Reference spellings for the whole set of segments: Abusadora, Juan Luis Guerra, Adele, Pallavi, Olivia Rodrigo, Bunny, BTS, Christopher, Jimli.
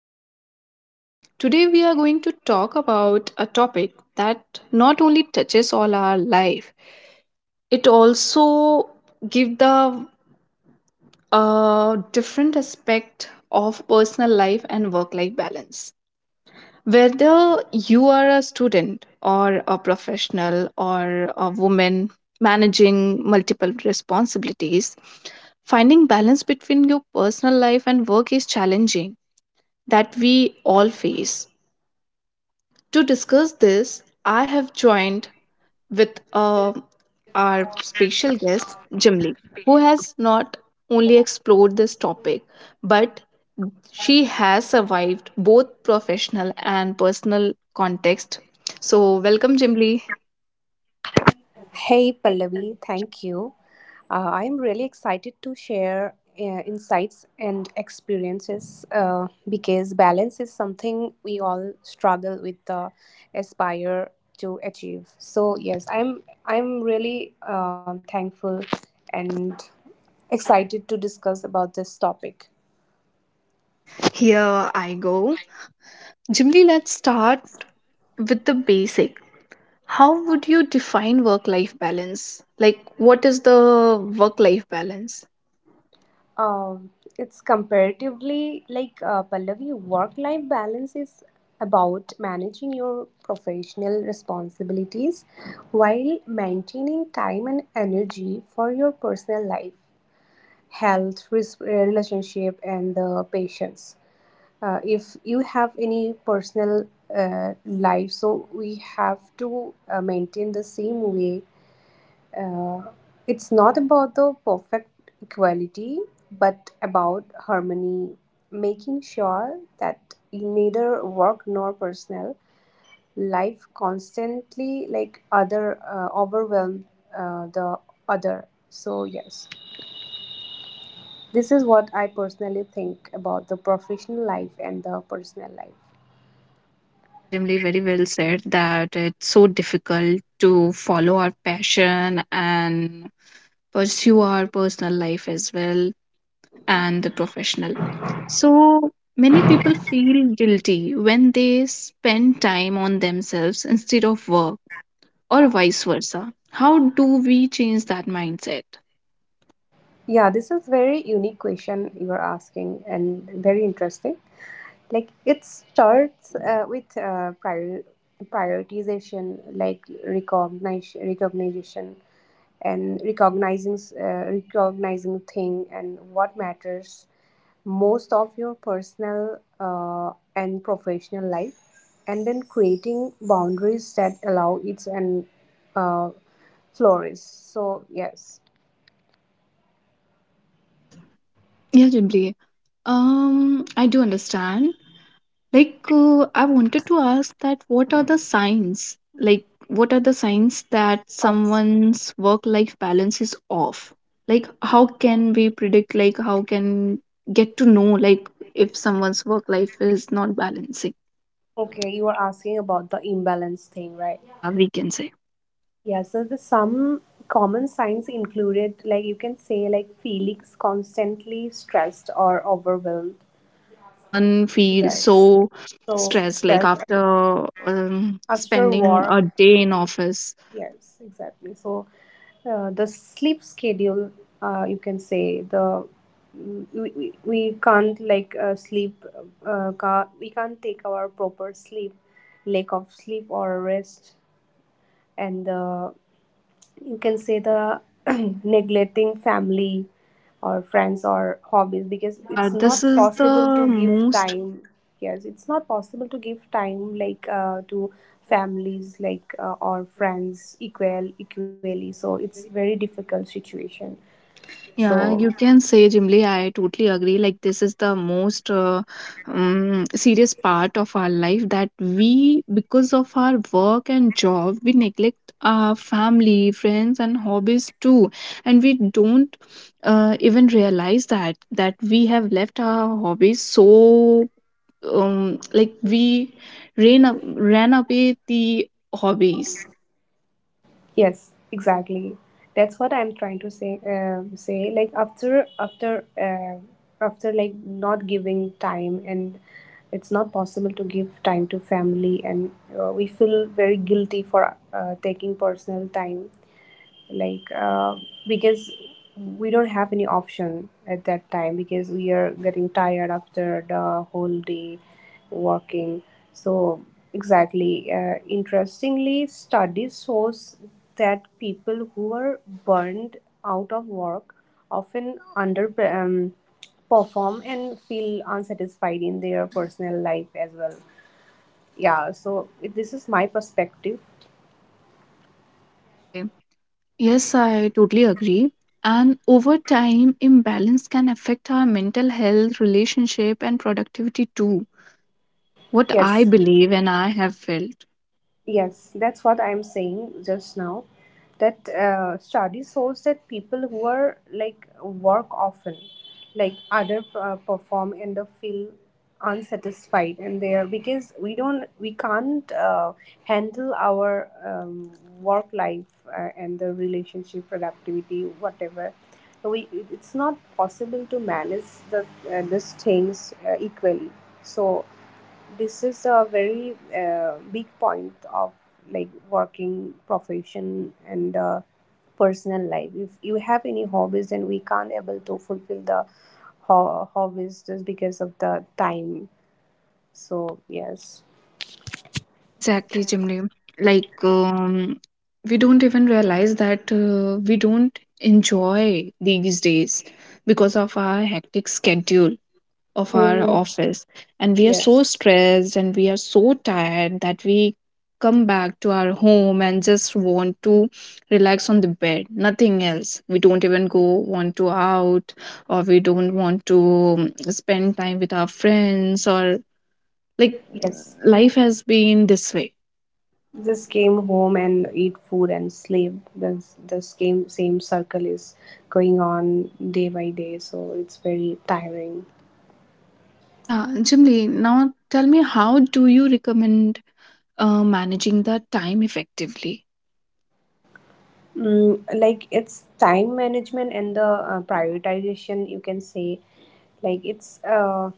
Pallavi, your host. Today, we are going to talk about a topic that not only touches all our life, it also gives the different aspect of personal life and work life balance, whether you are a student or a professional or a woman managing multiple responsibilities. Finding balance between your personal life and work is challenging that we all face. To discuss this, I have joined with our special guest, Jimli, who has not only explored this topic, but she has survived both professional and personal context. So, welcome, Jimli. Hey Pallavi, thank you. I'm really excited to share insights and experiences because balance is something we all struggle with, aspire to achieve. So yes, I'm really thankful and excited to discuss about this topic. Here I go. Jimli, let's start with the basic. How would you define work life balance? Like, what is the work life balance? Um, it's comparatively like Pallavi, work life balance is about managing your professional responsibilities while maintaining time and energy for your personal life, health, relationship, and the patients. If you have any personal life, so we have to maintain the same way uh, it's not about the perfect equality, but about harmony, making sure that in neither work nor personal life constantly like other overwhelm the other. So yes, this is what I personally think about the professional life and the personal life. Yeah, Jimli, very well said that it's so difficult to follow our passion and pursue our personal life as well and the professional. So many people feel guilty when they spend time on themselves instead of work or vice versa. How do we change that mindset? Yeah, this is very unique question you are asking and very interesting. Like it starts with prioritization like recognition and recognizing recognizing thing and what matters most of your personal and professional life and then creating boundaries that allow it and uh, flourish, so yes. Yeah, Jimli. I do understand. Like, I wanted to ask that what are the signs? Like, what are the signs that Oh, someone's work-life balance is off? Like, how can we predict, like, how can get to know, like, if someone's work-life is not balancing? okay, you were asking about the imbalance thing, right? Yeah, we can say. Yeah, so the some common signs included, like you can say, like Felix constantly stressed or overwhelmed. Yeah, someone feels Yes. so So stressed, like, after after spending a work, day in office. yes, exactly. So the sleep schedule, you can say we can't like sleep, ca we can't take our proper sleep, lack of sleep or rest, and the you can say the neglecting family or friends or hobbies because Yeah, it's not this is possible the to give most. time. Yes, it's not possible to give time like to families like or friends equal equally, so it's very difficult situation, Yeah, so. you can say, Jimli, I totally agree. Like, this is the most serious part of our life that we, because of our work and job, we neglect our family, friends, and hobbies too. And we don't even realize that that we have left our hobbies, so like we ran away the hobbies. Yes, exactly. That's what I'm trying to say. Say like after like not giving time, and it's not possible to give time to family, and we feel very guilty for taking personal time like because we don't have any option at that time because we are getting tired after the whole day working, so exactly. Interestingly, studies shows that people who are burned out of work often under perform and feel unsatisfied in their personal life as well, yeah, this is my perspective. Yeah, Jimli. Yes, I totally agree. And over time, imbalance can affect our mental health, relationship, and productivity too. What I Yes. believe and I have felt. Yes, that's what I'm saying just now. That study shows that people who are like work often, like other perform and they feel unsatisfied and they are because we can't handle our work life and the relationship productivity whatever. So we, it's not possible to manage the these things equally. So. This is a very big point of like working profession and personal life. If you have any hobbies, then we can't able to fulfill the hobbies just because of the time. So yes. Exactly, Jimli. Like, we don't even realize that we don't enjoy these days because of our hectic schedule of our Hmm. office, and we are Yes, so stressed and we are so tired that we come back to our home and just want to relax on the bed, nothing else. We don't even go want to out, or we don't want to spend time with our friends or like yes. life has been this way. Just came home and eat food and sleep. This the same circle is going on day by day. So it's very tiring. Yeah, Jimli. Now tell me, how do you recommend managing the time effectively? Like it's time management and the prioritization you can say like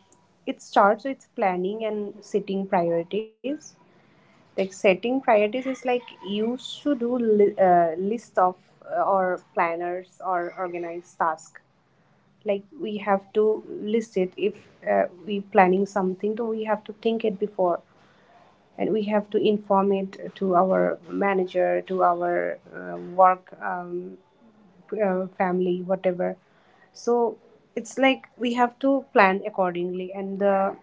it starts with planning and setting priorities, like setting priorities is like you should do list of or planners or organized task, like we have to list it if we planning something, so we have to think it before and we have to inform it to our manager, to our work family, whatever. So it's like we have to plan accordingly. And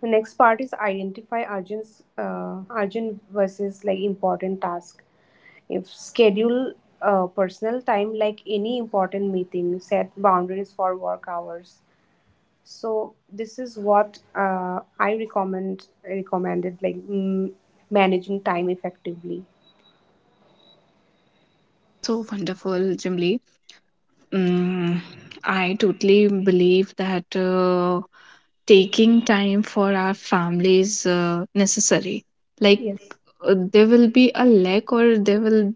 the next part is identify urgent, urgent versus like important task. If schedule personal time like any important meeting, set boundaries for work hours, so this is what I recommended like managing time effectively. Okay, so wonderful, Jimli. Mm, I totally believe that taking time for our families necessary. Like Yes. There will be a lack, or there will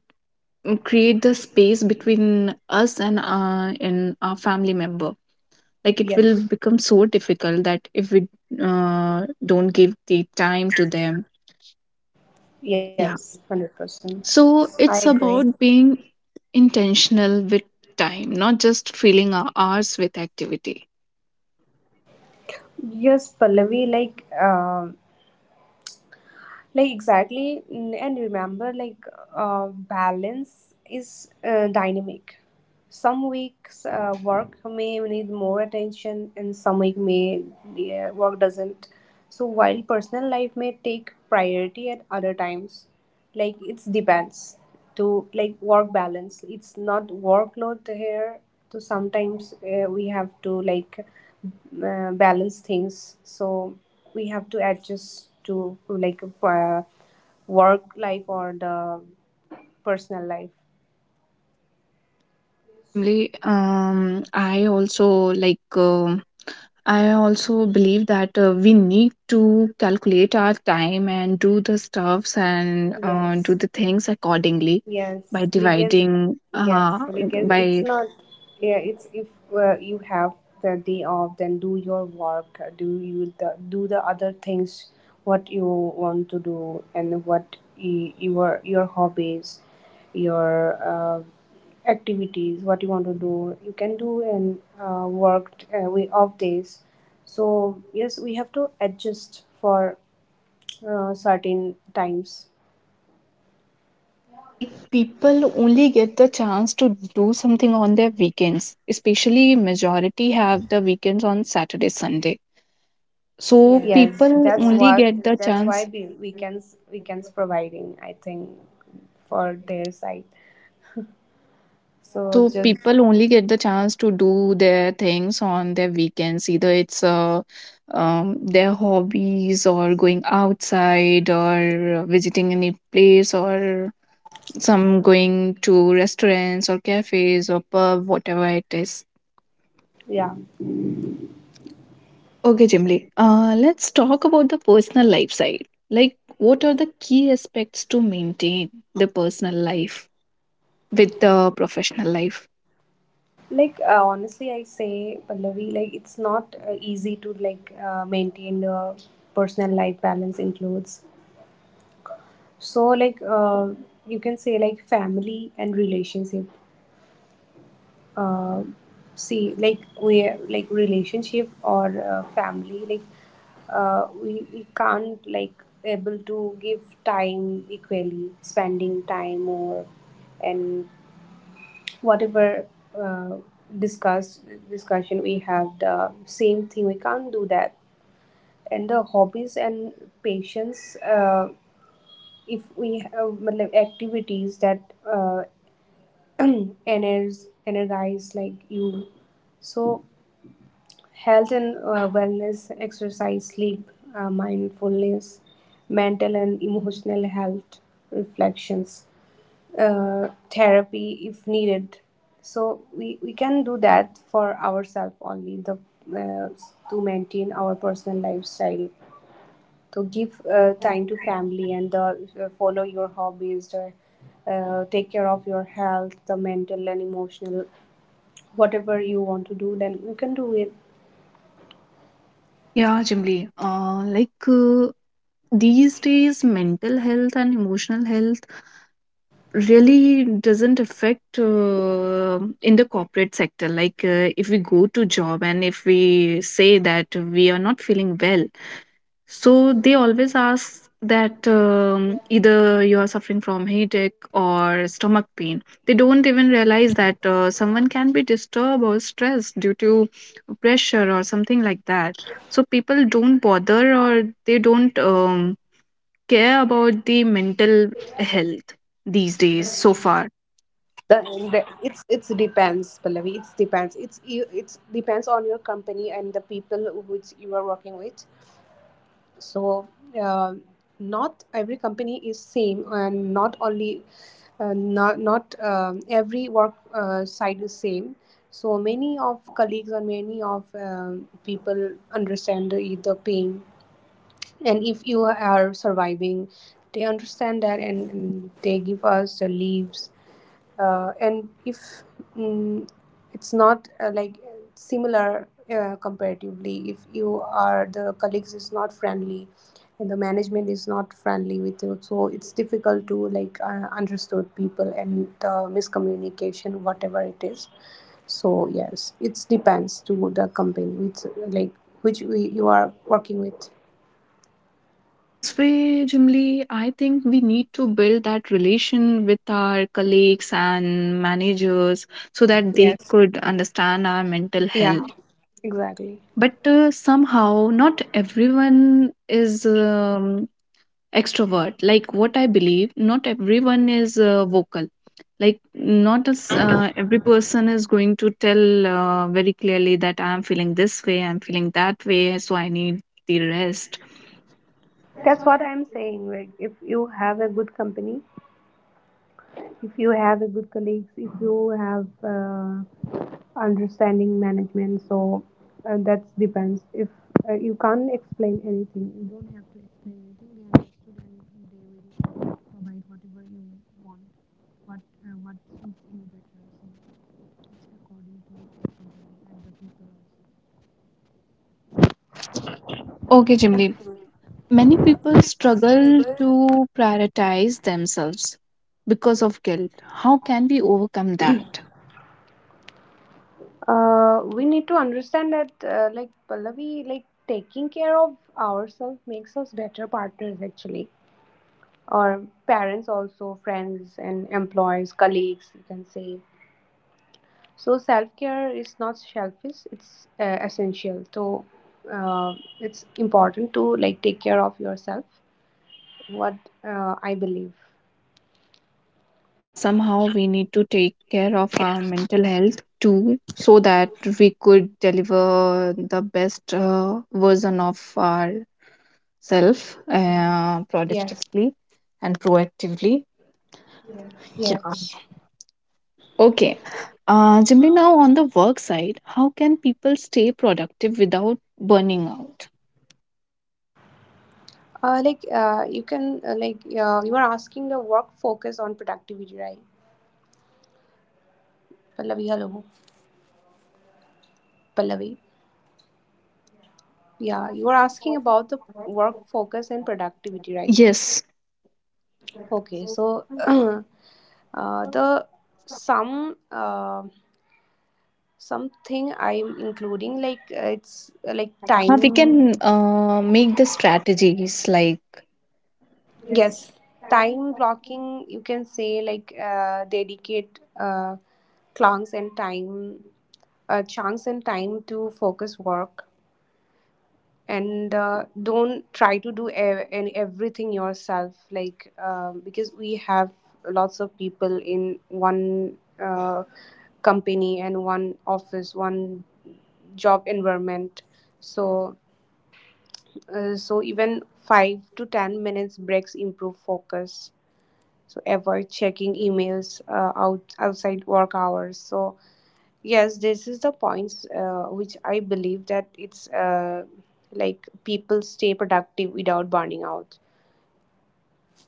create the space between us and our family member. Like it will Yes. become so difficult that if we don't give the time to them. Yeah. Yes. 100%. So I it's agree. about being intentional with time, not just filling our hours with activity. Yes, Pallavi. Like, like exactly and remember like balance is dynamic, some weeks work may need more attention and some week may, yeah, work doesn't, so while personal life may take priority at other times, like it depends to like work balance, it's not workload here. So sometimes we have to like balance things, so we have to adjust to like work life or the personal life, Jimly, I also like. I also believe that we need to calculate our time and do the stuffs and do yes. the things accordingly by Yes, because dividing. yes, because it's By not. Yeah, it's if you have the day off, then do your work, do the other things what you want to do and what your hobbies, your activities, what you want to do, you can do and work we off days. So yes, we have to adjust for certain times. Yeah, like people only get the chance to do something on their weekends. Especially majority have the weekends on Saturday, Sunday. So Yes, people only get the that's why chance. we weekends providing I think for their side. Yeah, So so it's just people only get the chance to do their things on their weekends. Either it's their hobbies or going outside or visiting any place or some going to restaurants or cafes or pub, whatever it is. yeah, Okay, Jimly, let's talk about the personal life side. Like, what are the key aspects to maintain the personal life with the professional life? like honestly, I say Pallavi, like it's not easy to like maintain the personal life balance includes. So like you can say like family and relationship. Uh, see like we like relationship or family like we can't like able to give time equally, spending time or and whatever uh, discuss discussion we have the same thing we can't do that, and the hobbies and patience if we have मतलब, activities that energize like you, so health and wellness, exercise, sleep, mindfulness, mental and emotional health, reflections, therapy if needed. So we can do that for ourselves only the uh, to maintain our personal lifestyle. To give time to family and follow your hobbies, take care of your health, the mental and emotional, whatever you want to do, then you can do it. Yeah, Jimli. These days, mental health and emotional health really doesn't affect in the corporate sector. Like if we go to job and if we say that we are not feeling well, so they always ask that either you are suffering from headache or stomach pain. They don't even realize that someone can be disturbed or stressed due to pressure or something like that. So people don't bother, or they don't care about the mental health these days so The, far. the It's depends Pallavi, it's depends, it's you, it's depends on your company and the people which you are working with, so uh, not every company is same and not only not not every work side is same, so many of colleagues or many of people understand the pain, and if you are surviving, they understand that and they give us the leaves and if mm, it's not like similar comparatively, if you are the colleagues is not friendly and the management is not friendly with you, so it's difficult to like understood people and the miscommunication, whatever it is, so yes, it depends to the company which like which you are working with. So, this way, Jimli, I think we need to build that relation with our colleagues and managers so that they Yes. could understand our mental health. Yeah, exactly. But somehow, not everyone is extrovert. Like what I believe, not everyone is vocal. Like, not as every person is going to tell very clearly that I'm feeling this way, I'm feeling that way, so I need the rest. That's what I'm saying. Like, if you have a good company, if you have a good colleagues, if you have understanding management, so that depends. If you can't explain anything, you don't have to explain anything. They understood they will provide whatever you want, what what suits you better. So it's according to the company and Okay, the Jimli, people also. many people People struggle struggle. to prioritize themselves because of guilt. How can we overcome that? We need to understand that, like Pallavi, like taking care of ourselves makes us better partners, actually, or parents, also friends and employees, colleagues, you can say. So self care is not selfish; it's essential. So uh, it's important to like take care of yourself. What I believe. Yeah, somehow we need to take care of our mental health too so that we could deliver the best version of ourselves Yes. productively and proactively. Yes. Yeah. Okay. Jimmy, now on the work side, how can people stay productive without burning out? You can you are asking the work focus on productivity, right? Pallavi, hello. Pallavi. Yeah, you were asking about the work focus and productivity, right? Yes, Okay, so the some something I'm including like it's like we can time. Make the strategies like Yes, time blocking. You can say like dedicate clunks and time chunks and time to focus work, and don't try to do and everything yourself like because we have lots of people in one uh, company and one office one job environment, so so even 5 to 10 minutes breaks improve focus, so avoid checking emails outside work hours, so yes, this is the points which I believe that it's like people stay productive without burning out.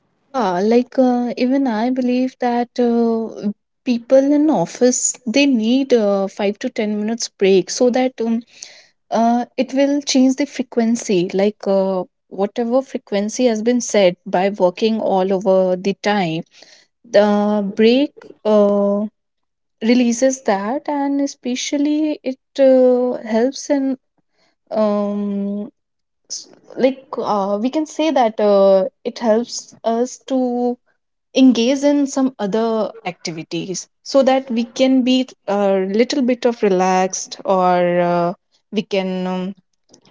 yeah like even I believe that people in office they need 5 to 10 minutes break so that it will change the frequency, like whatever frequency has been set by working all over the time, the break uh, releases that, and especially it helps in um s- we can say that it helps us to engage in some other activities so that we can be a little bit of relaxed, or we can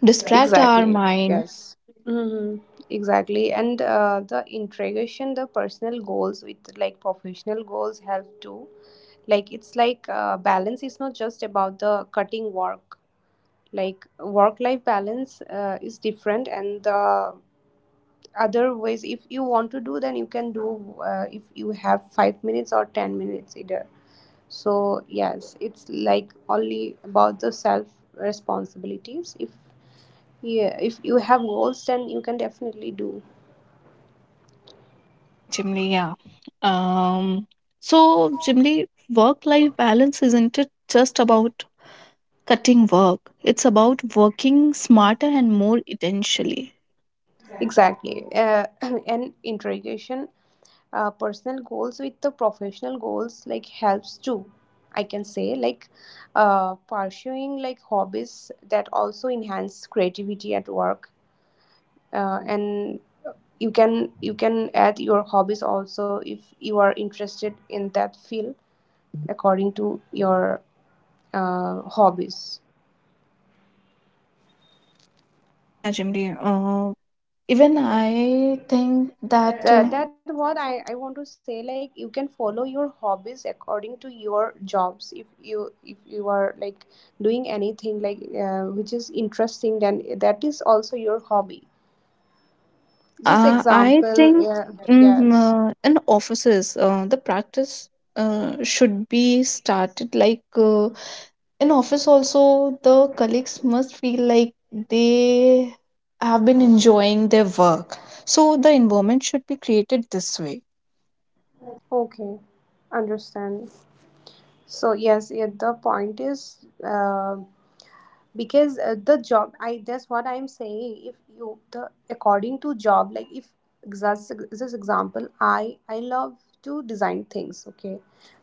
distract our Exactly. mind. Yes. Mm-hmm. Exactly. And the integration, the personal goals with like professional goals help too. Like it's like balance is not just about the cutting work. Like work life balance is different, and the other ways, if you want to do, then you can do. If you have 5 minutes or 10 minutes, either, so yes, it's like only about the self responsibilities. If yeah, if you have goals, then you can definitely do Okay, Jimly, yeah. Um, so Jimly, work-life balance isn't it just about cutting work. It's about working smarter and more intentionally. exactly. And integration, personal goals with the professional goals like helps too. I can say, like, pursuing, like, hobbies that also enhance creativity at work, and you can add your hobbies also if you are interested in that field according to your hobbies. Yeah, Jimri. Uh, even I think that, That what I want to say, like, you can follow your hobbies according to your jobs if you are like doing anything like, which is interesting, then that is also your hobby. yeah, Just I example, think yeah. Yes. In offices, the practice should be started like in office also, the colleagues must feel like they have been enjoying their work. So the environment should be created this way. Okay, understand. So yes, yeah, the point is, because, the job, I that's what I'm saying, if you the according to job, like, if just this example, I love to design things, okay?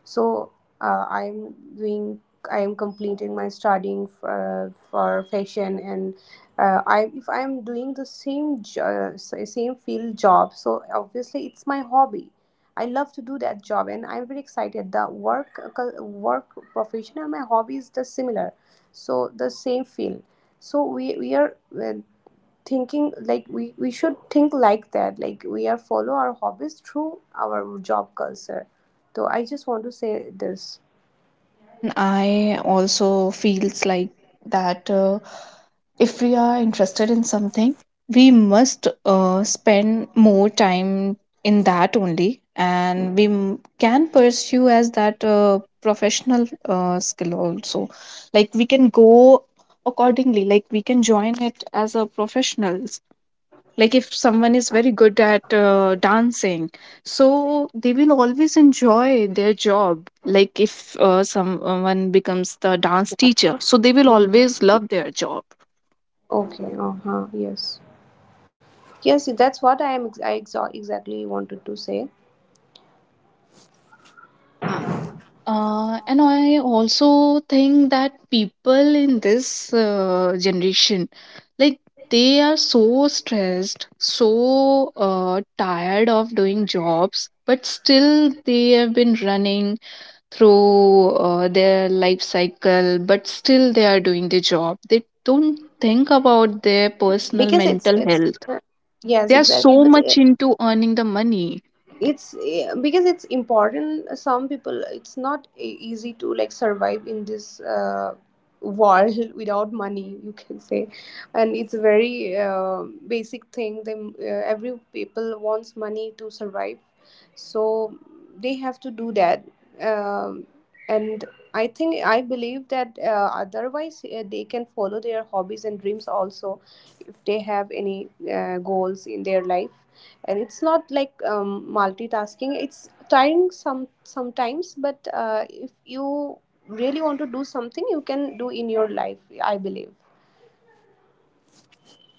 So I'm doing, I am completing my studying for fashion, and I if I am doing the same jo- sa- same field job, so obviously it's my hobby. I love to do that job and I'm very excited. The work profession and my hobby is the similar, so the same field. So we are uh, thinking like we should think like that, like we are follow our hobbies through our job culture. So I just want to say this. Yeah, even I also feels like that if we are interested in something, we must spend more time in that only, and we can pursue as that professional skill also. Like we can go accordingly, like we can join it as a professional, like if someone is very good at dancing, so they will always enjoy their job. Like if someone becomes the dance teacher, so they will Mm. always love their job. Okay, uh-huh, yes. Yes, that's what I am ex- I exa- exactly wanted to say. Yeah. And I also think that people in this generation, like they are so stressed, so tired of doing jobs, but still they have been running through their life cycle, but still they are doing the job. They don't think about their personal Because it's mental it's health. uh, yes, They are exactly, so but much into earning the money. it's eh, because it's important. Some people, it's not e- easy to, like, survive in this, world without money, you can say. And it's a very, basic thing. They, every people wants money to survive, so they have to do that. um, and I think, I believe that, otherwise, they can follow their hobbies and dreams also, if they have any, goals in their life. And it's not like, multitasking. It's tiring some sometimes, but if you really want to do something, you can do in your life, I believe.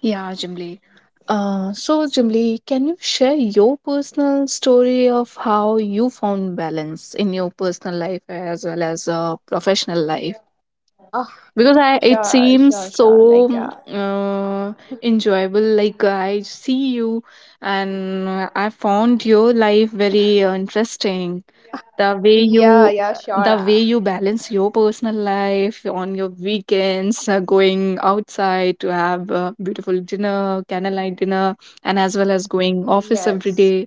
Yeah, Jimli. So, Jimli, can you share your personal story of how you found balance in your personal life as well as a Oh, professional life? sure, sure, sure, Because like, I, it seems so enjoyable. Like I see you, and I found your life very interesting. yeah, The yeah, way sure, you, the way you balance your personal life on your weekends, going outside to have a beautiful dinner, candlelight dinner, yes, and as well as going office every day.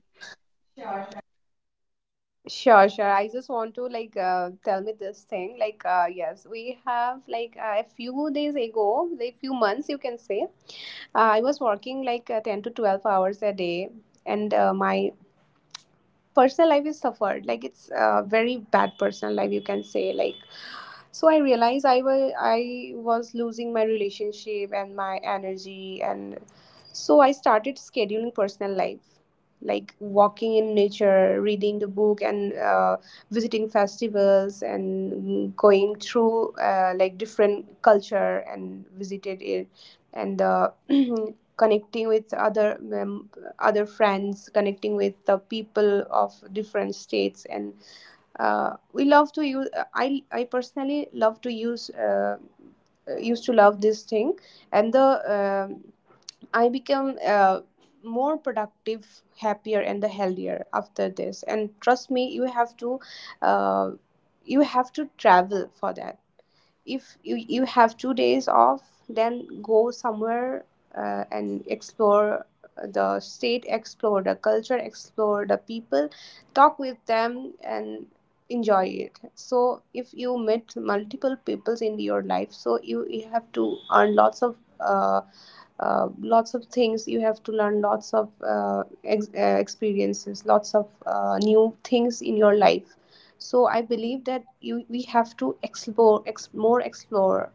sure, sure. I just want to, like, tell me this thing, like, yes, we have, like, a few days ago, a few months, you can say. I was working like, 10 to 12 hours a day, and my personal life is suffered, like, it's a very bad personal life, you can say. Like, so I realized I was losing my relationship and my energy. And so I started scheduling personal life, like walking in nature, reading the book, and visiting festivals and going through, like, different culture and visited it. And connecting with other mem- other friends, connecting with the people of different states, and we love to use, I personally love to use, used to love this thing. And the um I become, more productive, happier and the healthier after this. And trust me, you have to, uh, you have to travel for that. If you have 2 days off, then go somewhere, and explore the state, explore the culture, explore the people, talk with them, and enjoy it. So if you meet multiple peoples in your life, so you have to earn lots of, lots of things, you have to learn lots of, ex- experiences, lots of, new things in your life. So I believe that you we have to explore ex- more explore,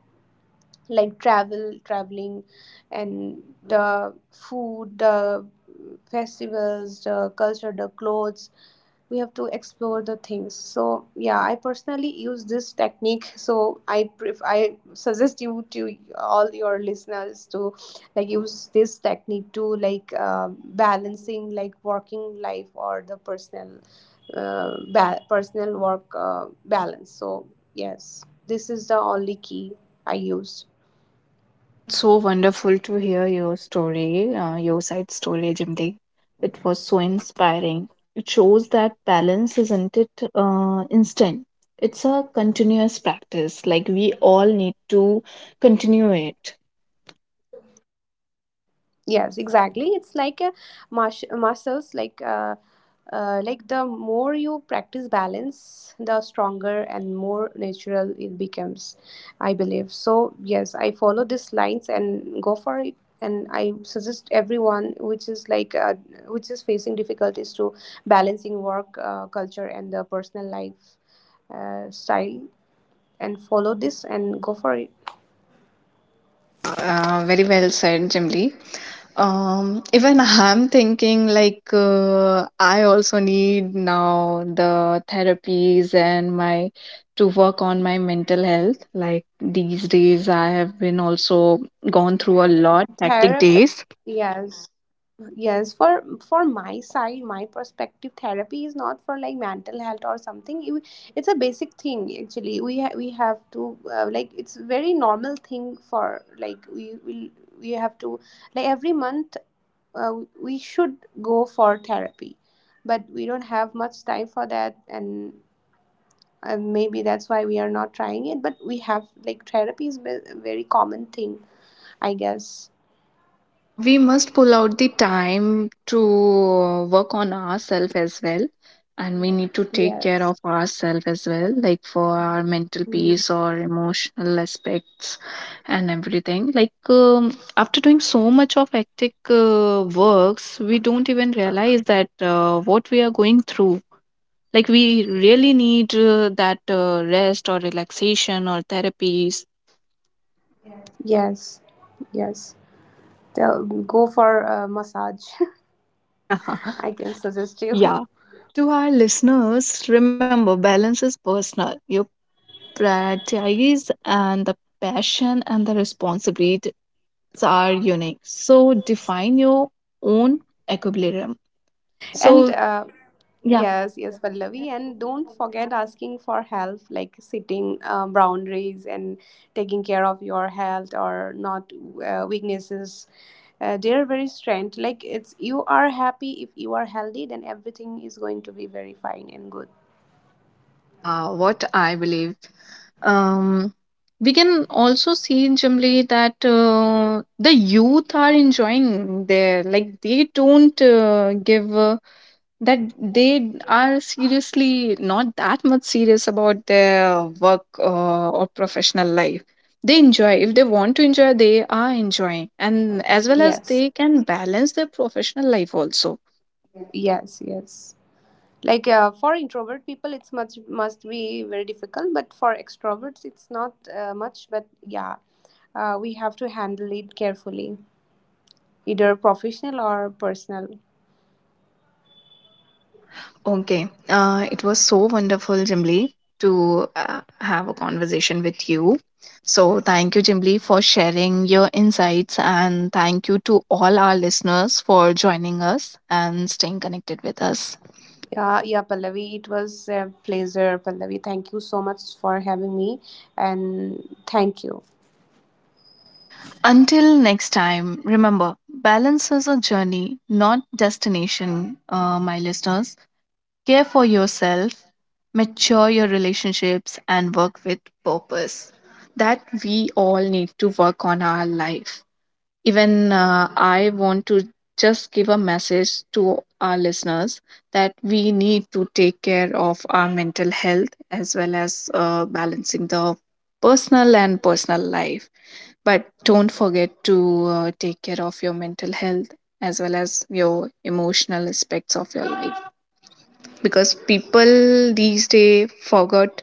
like travel, traveling, and the food, the festivals, the culture, the clothes. We have to explore the things. So yeah, I personally use this technique, so I pref- I suggest you to all your listeners to, like, use this technique to, like, balancing, like, working life or the personal, ba- personal work, balance. So yes, this is the only key I used. It's so wonderful to hear your story, your side story, Jimdi. It was so inspiring. It shows that balance isn't it instant. It's a continuous practice. Like we all need to continue it. Yes, exactly. It's like a marsh- muscles. Like, like, the more you practice balance, the stronger and more natural it becomes. I believe so. Yes, I follow these lines and go for it. And I suggest everyone, which is like, which is facing difficulties to balancing work, culture, and the personal life, style, and follow this and go for it. Yeah, very well said, Jimly. Even I'm thinking like I also need now the therapies and my to work on my mental health. Like these days, I have been also gone through a lot hectic Therapy. days. Yes. Yes, for my side, my perspective, therapy is not for, like, mental health or something. You- It's a basic thing actually. We have to, like, it's very normal thing for, like, we will, we have to, like, every month, uh, we should go for therapy, but we don't have much time for that. And maybe that's why we are not trying it, but we have, like, therapy is ve- a very common thing, I guess. Yeah, we must pull out the time to work on ourselves as well. And we need to take Yes. care of ourselves as well, like for our mental Mm. peace or emotional aspects and everything. Like, after doing so much of hectic works, we don't even realize that what we are going through. Like, we really need that rest or relaxation or therapies. Yes. Yes. Tell, go for a massage. I can suggest you. Yeah. To our listeners, remember balance is personal. Your priorities and the passion and the responsibilities are unique. So define your own equilibrium. And So yeah. yes, yes, Pallavi. And don't forget asking for help, like setting, boundaries and taking care of your health, or not, weaknesses. They're very strength. Like, it's, you are happy if you are healthy, then everything is going to be very fine and good. Yeah, what I believe. Um we can also see generally that the youth are enjoying their, like they don't give that they are seriously not that much serious about their work or professional life. They enjoy, if they want to enjoy they are enjoying, and as well as Yes, they can balance their professional life also. yes, yes. Like, for introvert people, it's much must be very difficult, but for extroverts, it's not much. But yeah, we have to handle it carefully, either professional or personal. Yeah. Okay, it was so wonderful, Jimli, to uh, have a conversation with you. So thank you, Jimli, for sharing your insights, and thank you to all our listeners for joining us and staying connected with us. Yeah, yeah, Pallavi, it was a pleasure, Pallavi. Thank you so much for having me, and thank you. Until next time, remember balance is a journey, not destination, my listeners. Care for yourself, mature your relationships, and work with purpose. That we all need to work on our life. Even I want to just give a message to our listeners that we need to take care of our mental health as well as balancing the personal and personal life. But don't forget to take care of your mental health as well as your emotional aspects of your life, because people these days forgot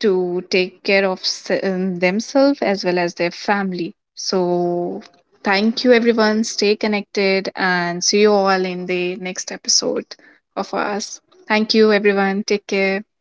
to take care of themselves as well as their family. So, thank you everyone. Stay connected and see you all in the next episode of us. Thank you everyone. Take care.